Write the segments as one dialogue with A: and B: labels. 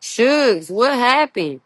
A: Shugs, what happened?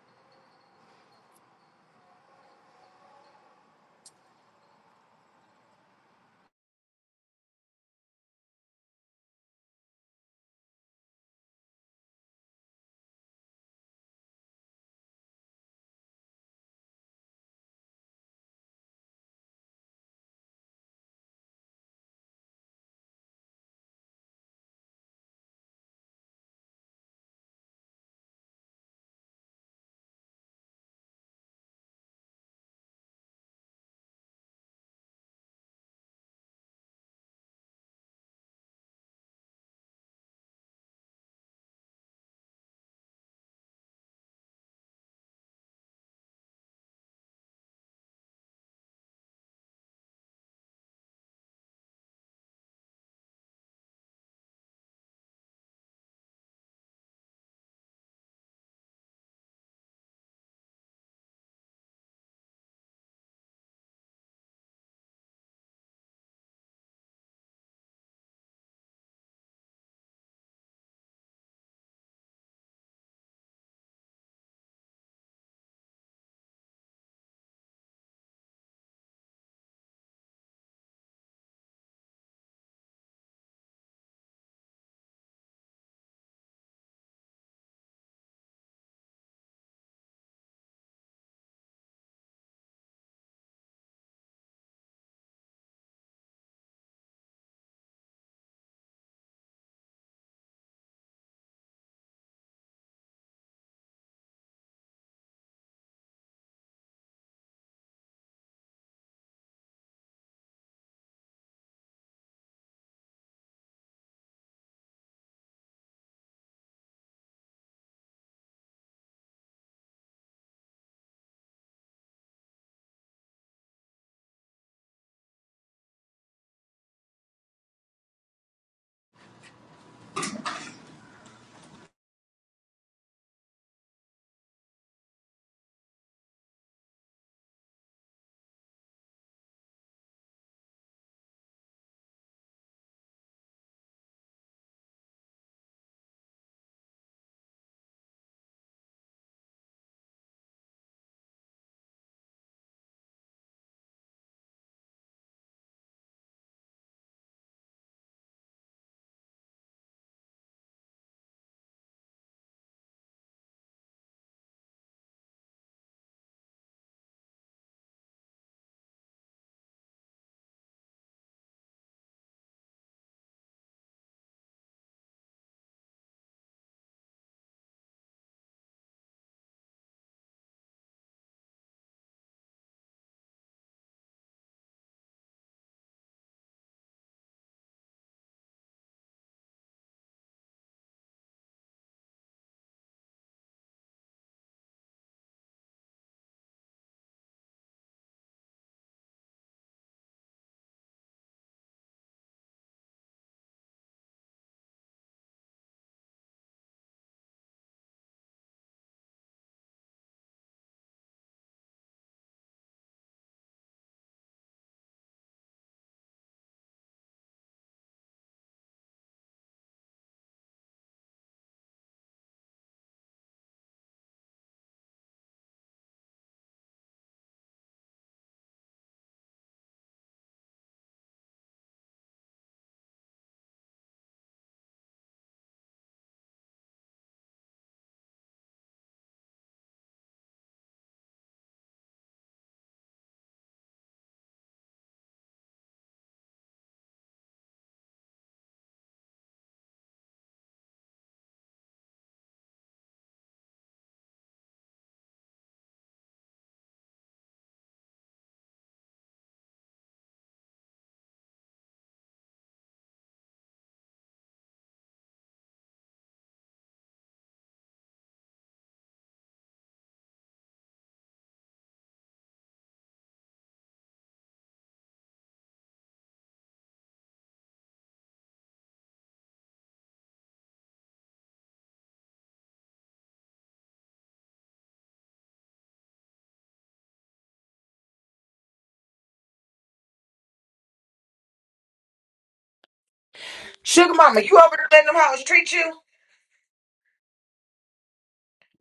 B: Sugar mama, you over there letting them hoes treat you?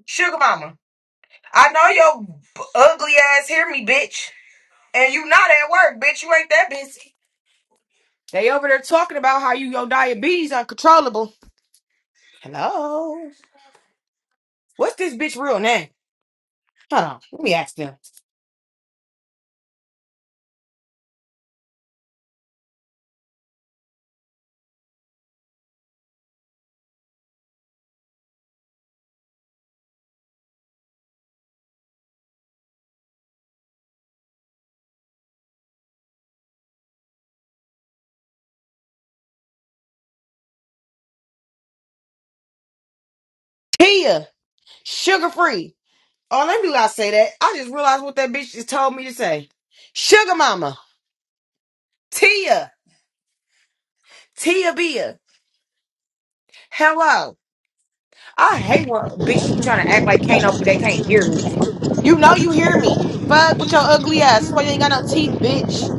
B: Sugar mama, I know your b- ugly ass hear me, bitch. And you not at work, bitch. You ain't that busy. They over there talking about how you your diabetes uncontrollable. Hello. What's this bitch real name? Hold on. Let me ask them. Tia, sugar free. Oh, let me not say that. I just realized what that bitch just told me to say. Sugar mama. Tia. Tia Bia. Hello. I hate when bitches be trying to act like can't know, but they can't hear me. You know you hear me. Fuck with your ugly ass. That's Why you ain't got no teeth, bitch.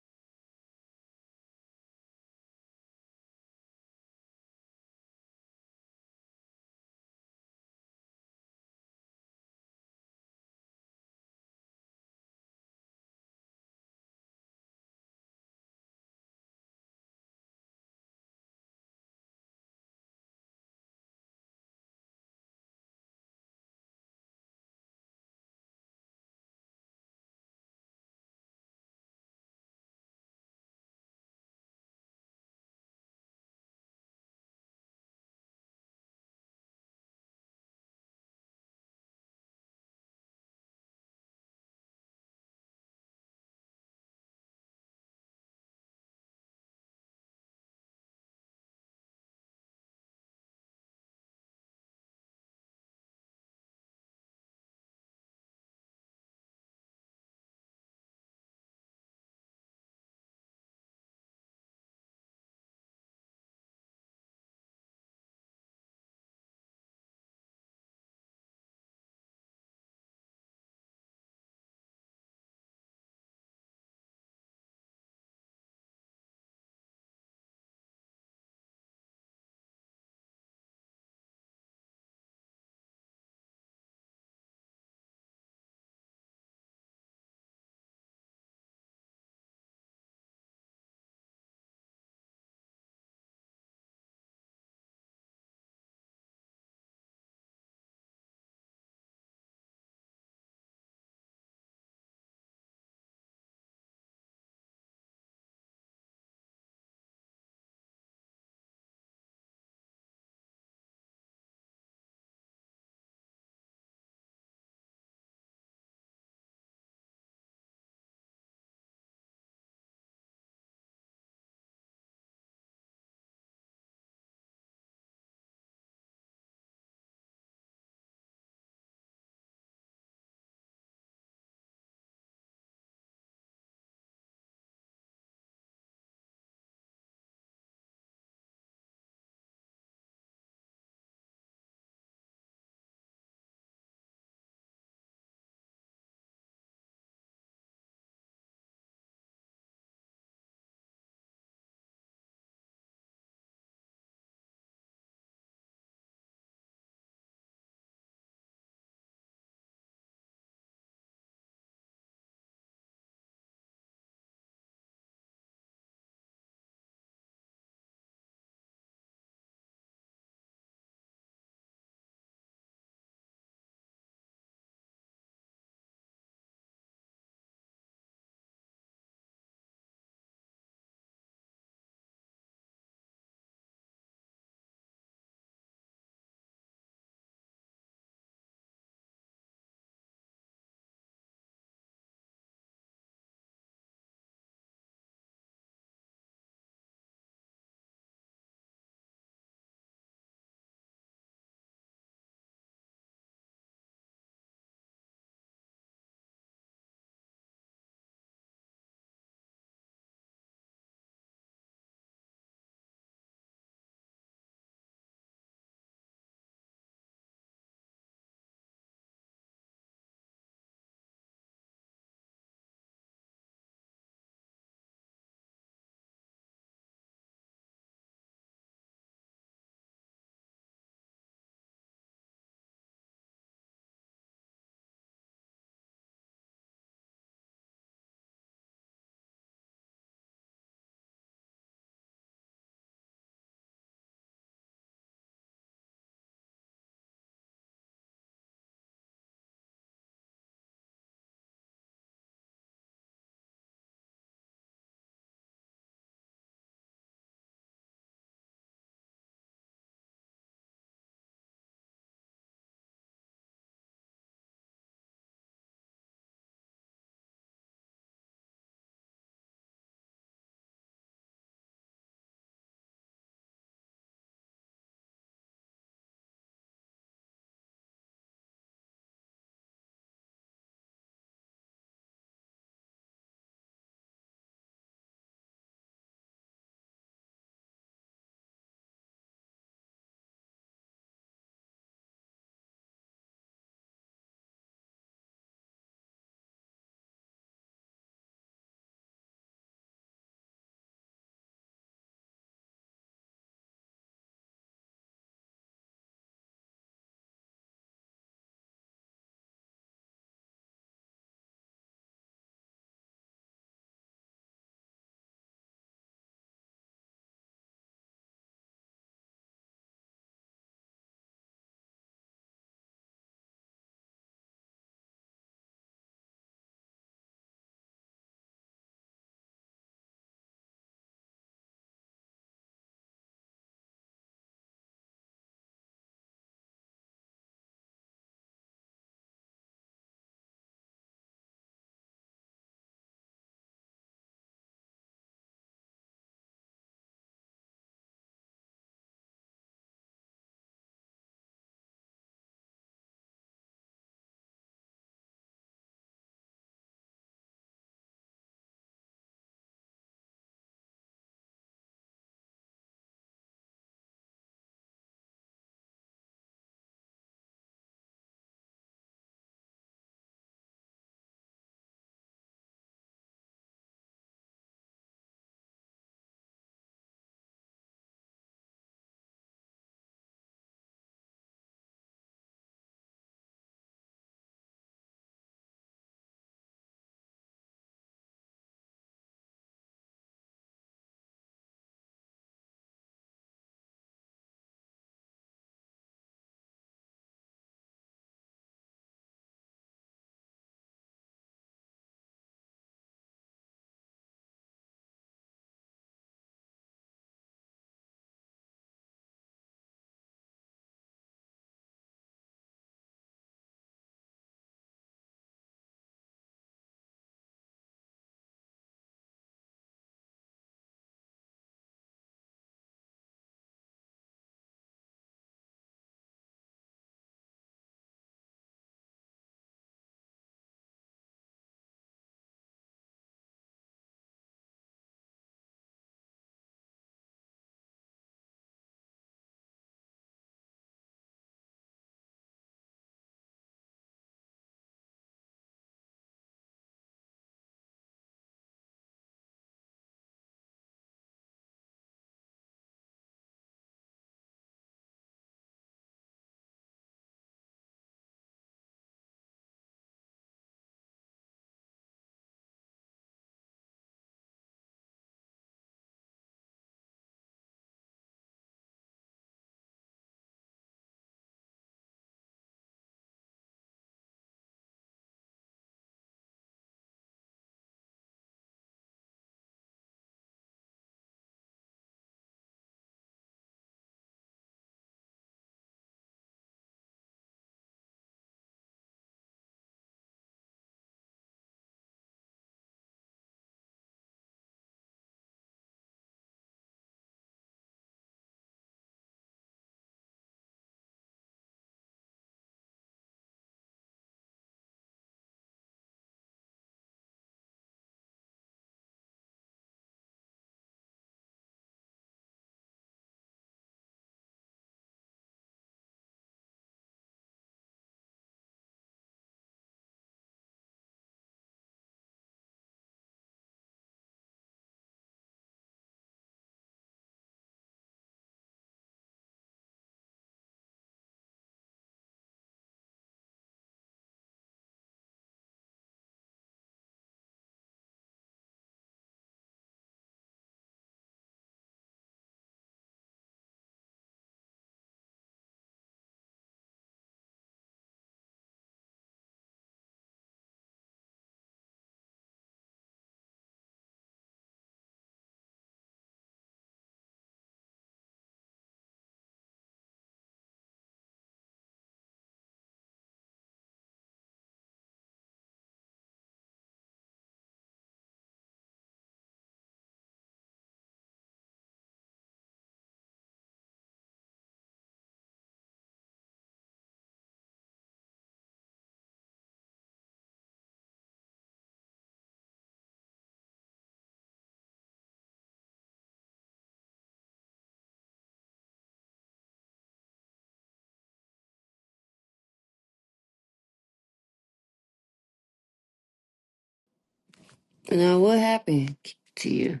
A: Now, what happened to you?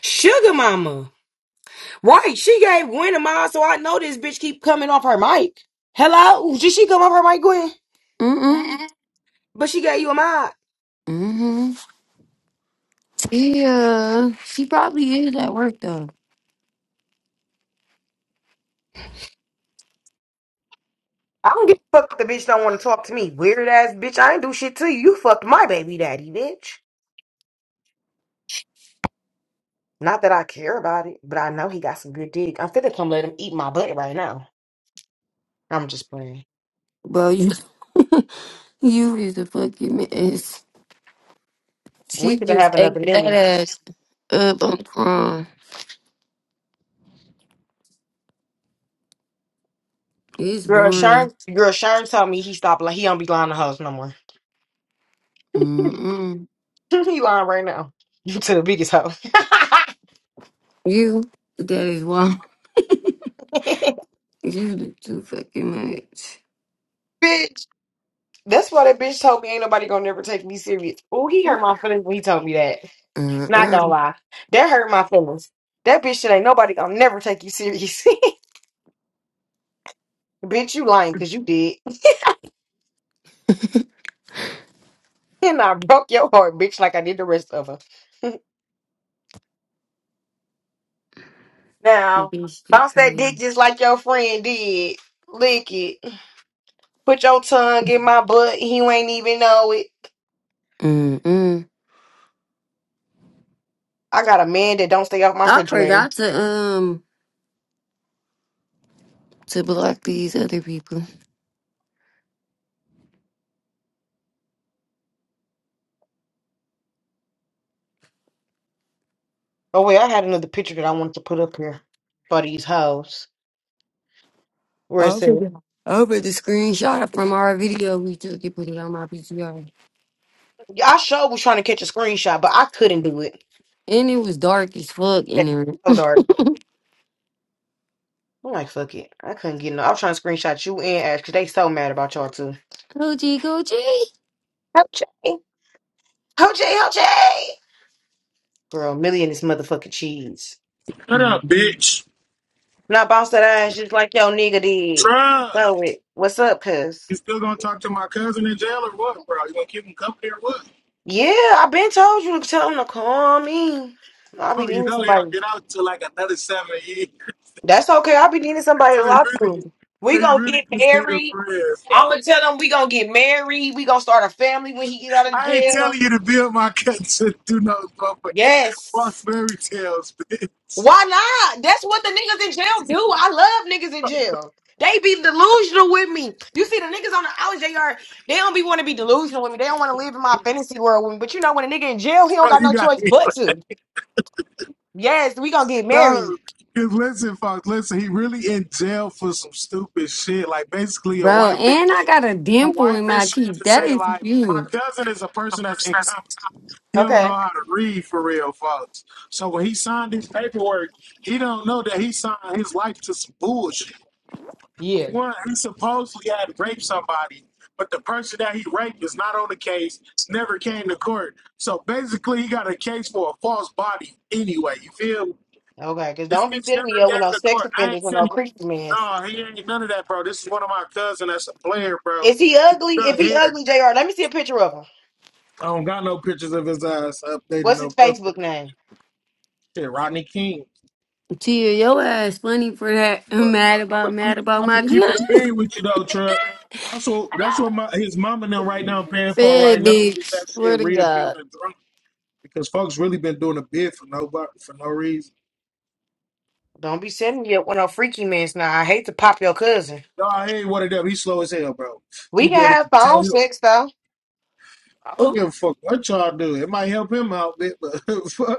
B: Sugar mama. Right, she gave Gwen a mile, so I know this bitch keep coming off her mic. Hello? Did she come off her mic, Gwen?
A: Mm-mm.
B: But she gave you a mile.
A: Mm-hmm. She, uh, she probably is at work, though.
B: I don't give a fuck if the bitch don't want to talk to me. Weird ass bitch, I ain't do shit to you. You fucked my baby daddy, bitch. Not that I care about it, but I know he got some good dick. I'm finna come let him eat my butt right now. I'm just playing.
A: Bro, you, you is a fucking mess.
B: We
A: She
B: finna
A: just
B: have
A: ate
B: another
A: that
B: Millie.
A: ass up on prom. It's
B: Girl,
A: boring.
B: Sharn, girl, Sharn told me he stopped. Like he don't be lying to hoes no more.
A: Mm-mm.
B: he lying right now. to the biggest hoe,
A: You, that is why you do too fucking much.
B: bitch. That's why that bitch told me ain't nobody gonna never take me serious. Oh, he hurt my feelings when he told me that. Not
A: Uh-uh.
B: gonna lie, that hurt my feelings. That bitch shit ain't nobody gonna never take you serious. bitch, you lying because you did, and I broke your heart, bitch, like I did the rest of her. Now
A: Bitch, that
B: bounce that dick
A: crazy.
B: just like your friend did. Lick it. Put your tongue in my butt. and You ain't even know it.
A: Mm-mm.
B: I got a man that don't stay off my
A: I
B: refrigerator.
A: forgot to, um, to block these other people.
B: Oh wait, I had another picture that I wanted to put up here for these hoes. Where it
A: Over
B: said
A: the, over the screenshot from our video we took and put it on my PTR.
B: Yeah, I sure was trying to catch a screenshot, but I couldn't do it.
A: And it was dark as fuck
B: Yeah,
A: in there.
B: so dark. I'm like, fuck it. I couldn't get no. I was trying to screenshot you and Ash because they so mad about y'all too.
A: Coochie coochie.
B: OJ. OJ, OJ. Girl, Millie and this motherfucking cheese.
C: Shut up,
A: Mhm.
C: bitch.
B: When I bounced that ass just like yo nigga did.
C: Try.
B: Blow it. What's up, cuz?
C: You still gonna talk to my cousin in jail or what, bro? You gonna keep him company or what?
B: Yeah, I been told you to tell him to call me. I be
C: Oh, you
B: needing
C: know he'll
B: somebody.
C: get out to like another seven years.
B: That's okay. i be needing somebody
C: So
B: to
C: he
B: lie to.
C: really,
B: We
C: so he
B: gonna
C: really
B: get
C: just need a
B: married.
C: friend.
B: I'm gonna
C: So
B: tell him we gonna get married. We gonna start a family when he get out of
C: I ain't
B: jail.
C: telling you to build my cousin through no motherfucking false
B: Yes.
C: fairy tales, bitch.
B: Why not? That's what the niggas in jail do. I love niggas in jail. They be delusional with me. You see the niggas on the outs, they are they don't be want to be delusional with me. They don't want to live in my fantasy world with me. But you know when a nigga in jail, he don't
C: Bro,
B: got
C: you
B: no
C: got
B: choice
C: me.
B: but
C: Like,
B: to. Yes, we gonna get married.
C: no. Cause listen, folks, listen, he really in jail for some stupid shit. Like basically a
A: Bro,
C: white bitch
A: and I got a
C: a
A: dimple
C: white
A: in my
C: bitch tried
A: cheek.
C: to
A: That
C: say
A: is
C: like my
A: cute.
C: cousin is a person that's incompetent. He don't know
B: Okay.
C: how to read for real, folks. So when he signed his paperwork, he don't know that he signed his life to some bullshit.
B: Yeah.
C: One, he supposedly had raped somebody, but the person that he raped is not on the case, never came to court. So basically, he got a case for a false body anyway. You feel?
B: Okay. Cause
C: This
B: don't be
C: bitch
B: sitting me
C: never
B: up
C: came
B: with no
C: to
B: sex
C: court. I
B: offenders
C: ain't
B: with
C: seen
B: no creep man.
C: No, he ain't none of that, bro. This is one of my cousin that's a player, bro.
B: Is he
C: He
B: ugly? If
C: cut
B: he
C: hair.
B: ugly, Jr. Let me see a picture of him.
C: I don't got no pictures of his ass updated.
B: What's
C: No
B: his
C: updated
B: Facebook
C: pictures.
B: name?
C: Shit, Rodney King.
A: Tia, your ass funny for that.
C: But
A: mad
C: I'm gonna
A: about,
C: keep,
A: mad about
C: I'm gonna
A: my
C: keep it a bean with you though, Trump. That's what that's what my his mom and them right now paying for
A: fed
C: right now to get that
A: bitch. Swear
C: shit
A: to
C: reappealed
A: God.
C: and drunk because folks really been doing a bid for nobody for no reason.
B: Don't be sending me up with no freaky mess. Now I hate to pop your cousin.
C: No, I ain't one of them. He's slow as hell, bro.
B: We
C: He
B: can
C: there
B: have
C: to tell
B: phone
C: you.
B: sex though,
C: I don't
A: Oh,
C: give a fuck what y'all do. It might help him out, bit, but fuck.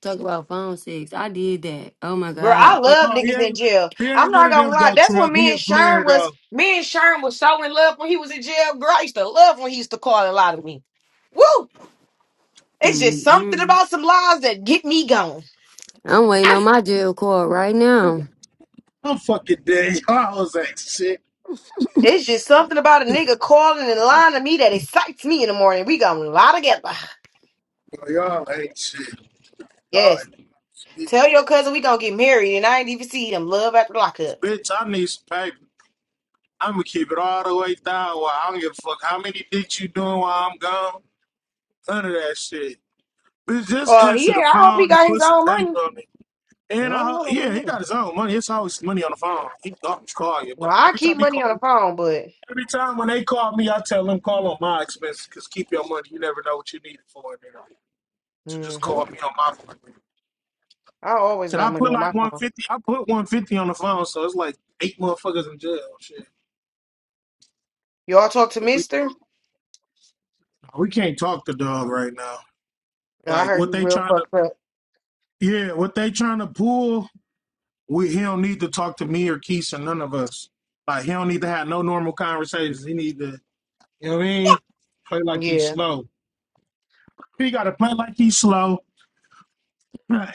A: talk about phone sex. I did that. Oh my
B: girl. I
A: God.
C: but
B: love
C: no, he
B: niggas in
C: ain't
B: jail.
C: he
B: I'm
C: ain't one
B: not
C: of
B: gonna
C: them
B: lie.
C: though,
B: That's what
C: Trump. He
B: me and
C: a player
B: Sharon was.
C: though.
B: Me and Sharon was so in love when he was in jail. Girl, I used to love when he used to call a lot of me. Woo! It's just something
A: Mm-mm.
B: about some lies that get me going.
A: I'm waiting
B: Ah,
A: on my jail call right now.
C: I'm fucking dead. Y'all was like shit.
B: It's just something about a nigga calling and lying to me that excites me in the morning. We gonna lie together.
C: So y'all ain't shit. Y'all
B: Yes.
C: ain't shit,
B: Tell
C: bro.
B: your cousin we gonna get married, and I ain't even see him love after
C: This
B: lockup.
C: bitch, I need some paper. I'm gonna keep it all the way down. While I don't give a fuck how many dicks you doing while I'm gone. None of that shit. Bitch, just
B: Oh, he
C: answer the
B: ain't. I hope he
C: phone and
B: got his
C: put some
B: own money.
C: paper on it.
B: I
C: And I,
B: don't know
C: yeah, he
B: about him.
C: got his own money. It's always money on the phone. He always call you,
B: No,
C: but
B: I
C: every
B: keep
C: time he
B: money on
C: call,
B: the phone, but
C: every time when they call me, I tell them call on my expenses because keep your money. You never know what you need it for. You know, so just
B: hmm
C: call me on my phone.
B: I always
C: Can
B: got
C: I
B: money
C: put
B: on
C: like
B: my phone.
C: 150? I put 150 on the phone, so it's like eight motherfuckers in jail. Shit.
B: Y'all talk to
C: But we,
B: Mister?
C: we can't talk to dog right now.
B: Yeah, I
C: Like
B: heard he
C: what they
B: real
C: trying to,
B: fucked up.
C: yeah, what they trying to pull. We he don't need to talk to me or Keisha, none of us. Like he don't need to have no normal conversations. He need to, you know what I mean? Play like he's
B: Yeah,
C: slow. He got to play like he's slow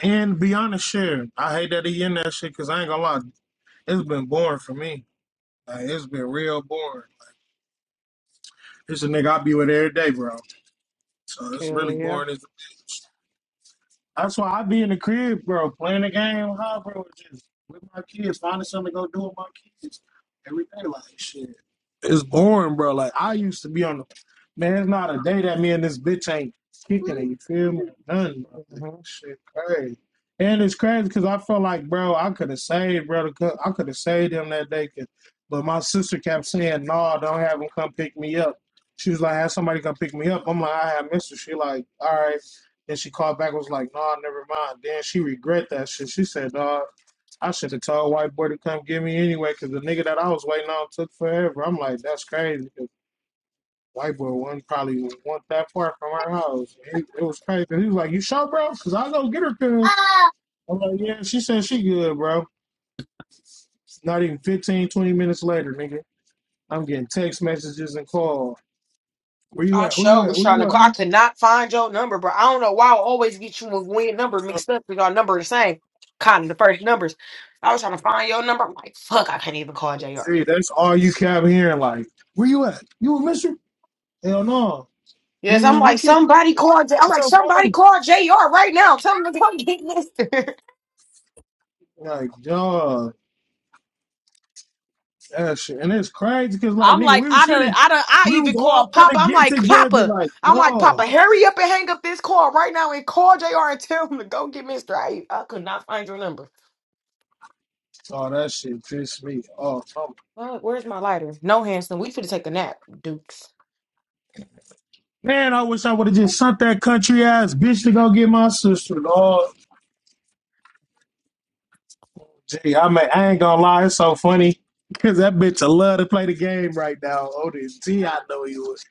C: and be honest. Share. I hate that he in that shit because I ain't gonna lie, it's been boring for me. Like it's been real boring. It's a nigga I be with every day, bro. So it's
B: hell
C: really
B: yeah.
C: boring. It's, that's why I be in the crib, bro, playing the game, huh, bro? Just with my kids, finding something to go do with my kids every day. Like shit, it's boring, bro. Like I used to be on the man. It's not a day that me and this bitch ain't kicking it. You feel me? Nothing, bro. Like,
B: Mhm.
C: shit, crazy. And it's crazy because I feel like, bro, I could have saved, brother. I could have saved him that day, 'cause- but my sister kept saying, "No, don't have him come pick me up." She was like, "Have somebody come pick me up." I'm like, "I have Mister." She like, "All right." Then she called back and was like, nah, never mind. Then she regret that shit. She said, dog, I should have told white boy to come get me anyway, because the nigga that I was waiting on took forever. I'm like, that's crazy. 'cause White boy wouldn't probably want that part from her house. It, it was crazy. He was like, you sure, bro? Because I go get her, cuz. I'm like, yeah, she said she good, bro. Not even 15, 20 minutes later, nigga. I'm getting text messages and calls. Where you
B: I
C: at? Where you
B: sure
C: at?
B: was
C: Where
B: trying
C: you
B: to call. I could not find your number, bro. I don't know why I always get you and Gwen number
C: at?
B: mixed up because our number the same. Kind of the first numbers. I was trying to find your number. I'm like, fuck, I can't even call JR.
C: See, that's all you kept hearing. Like, where you at? You a mister? Hell no.
B: Yes, I'm
C: Man,
B: like
C: look at look
B: somebody call. J- I'm
C: at
B: like
C: your
B: somebody
C: phone.
B: call Jr. right now. Tell him to come get this.
C: Like, dog, that shit. And it's crazy because, like,
B: I'm
C: nigga,
B: like
C: we
B: I
C: was
B: don't.
C: finna,
B: I don't. I
C: we
B: even
C: was
B: call
C: all
B: Papa.
C: finna
B: I'm
C: get
B: like
C: together.
B: Papa.
C: Like,
B: I'm like
C: dog,
B: Papa. Hurry up and hang up this call right now and call Jr. and tell him to go get Mister. I I could not find your number.
C: oh, that shit pissed me off. Oh,
B: Fuck, where's my lighter? No, Hanson. We should take a nap, Dukes.
C: man, I wish I would have just sent that country ass bitch to go get my sister. Dog, gee, I mean, I ain't gonna lie, it's so funny because that bitch, I love to play the game right now. Oh, ODT, I know he was.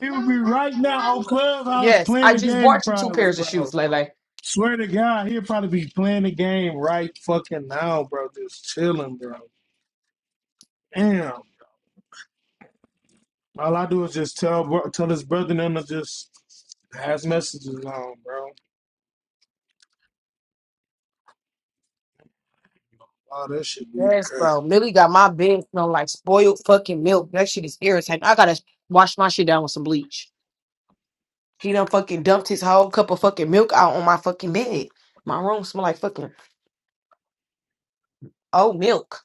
C: He would be right now on Clubhouse
B: Yes,
C: playing
B: I
C: the
B: just
C: game,
B: bought you two
C: probably,
B: pairs of
C: bro.
B: shoes, Lele.
C: Swear to God, he'll probably be playing the game right fucking now, bro. Just chilling, bro. Damn. All I do is just tell bro, tell his brother and them to just pass messages on, bro. All that should be
B: Yes,
C: good.
B: bro. Lily got my bed smell like spoiled fucking milk. That shit is irritating. I gotta wash my shit down with some bleach. He done fucking dumped his whole cup of fucking milk out on my fucking bed. My room smell like fucking old milk.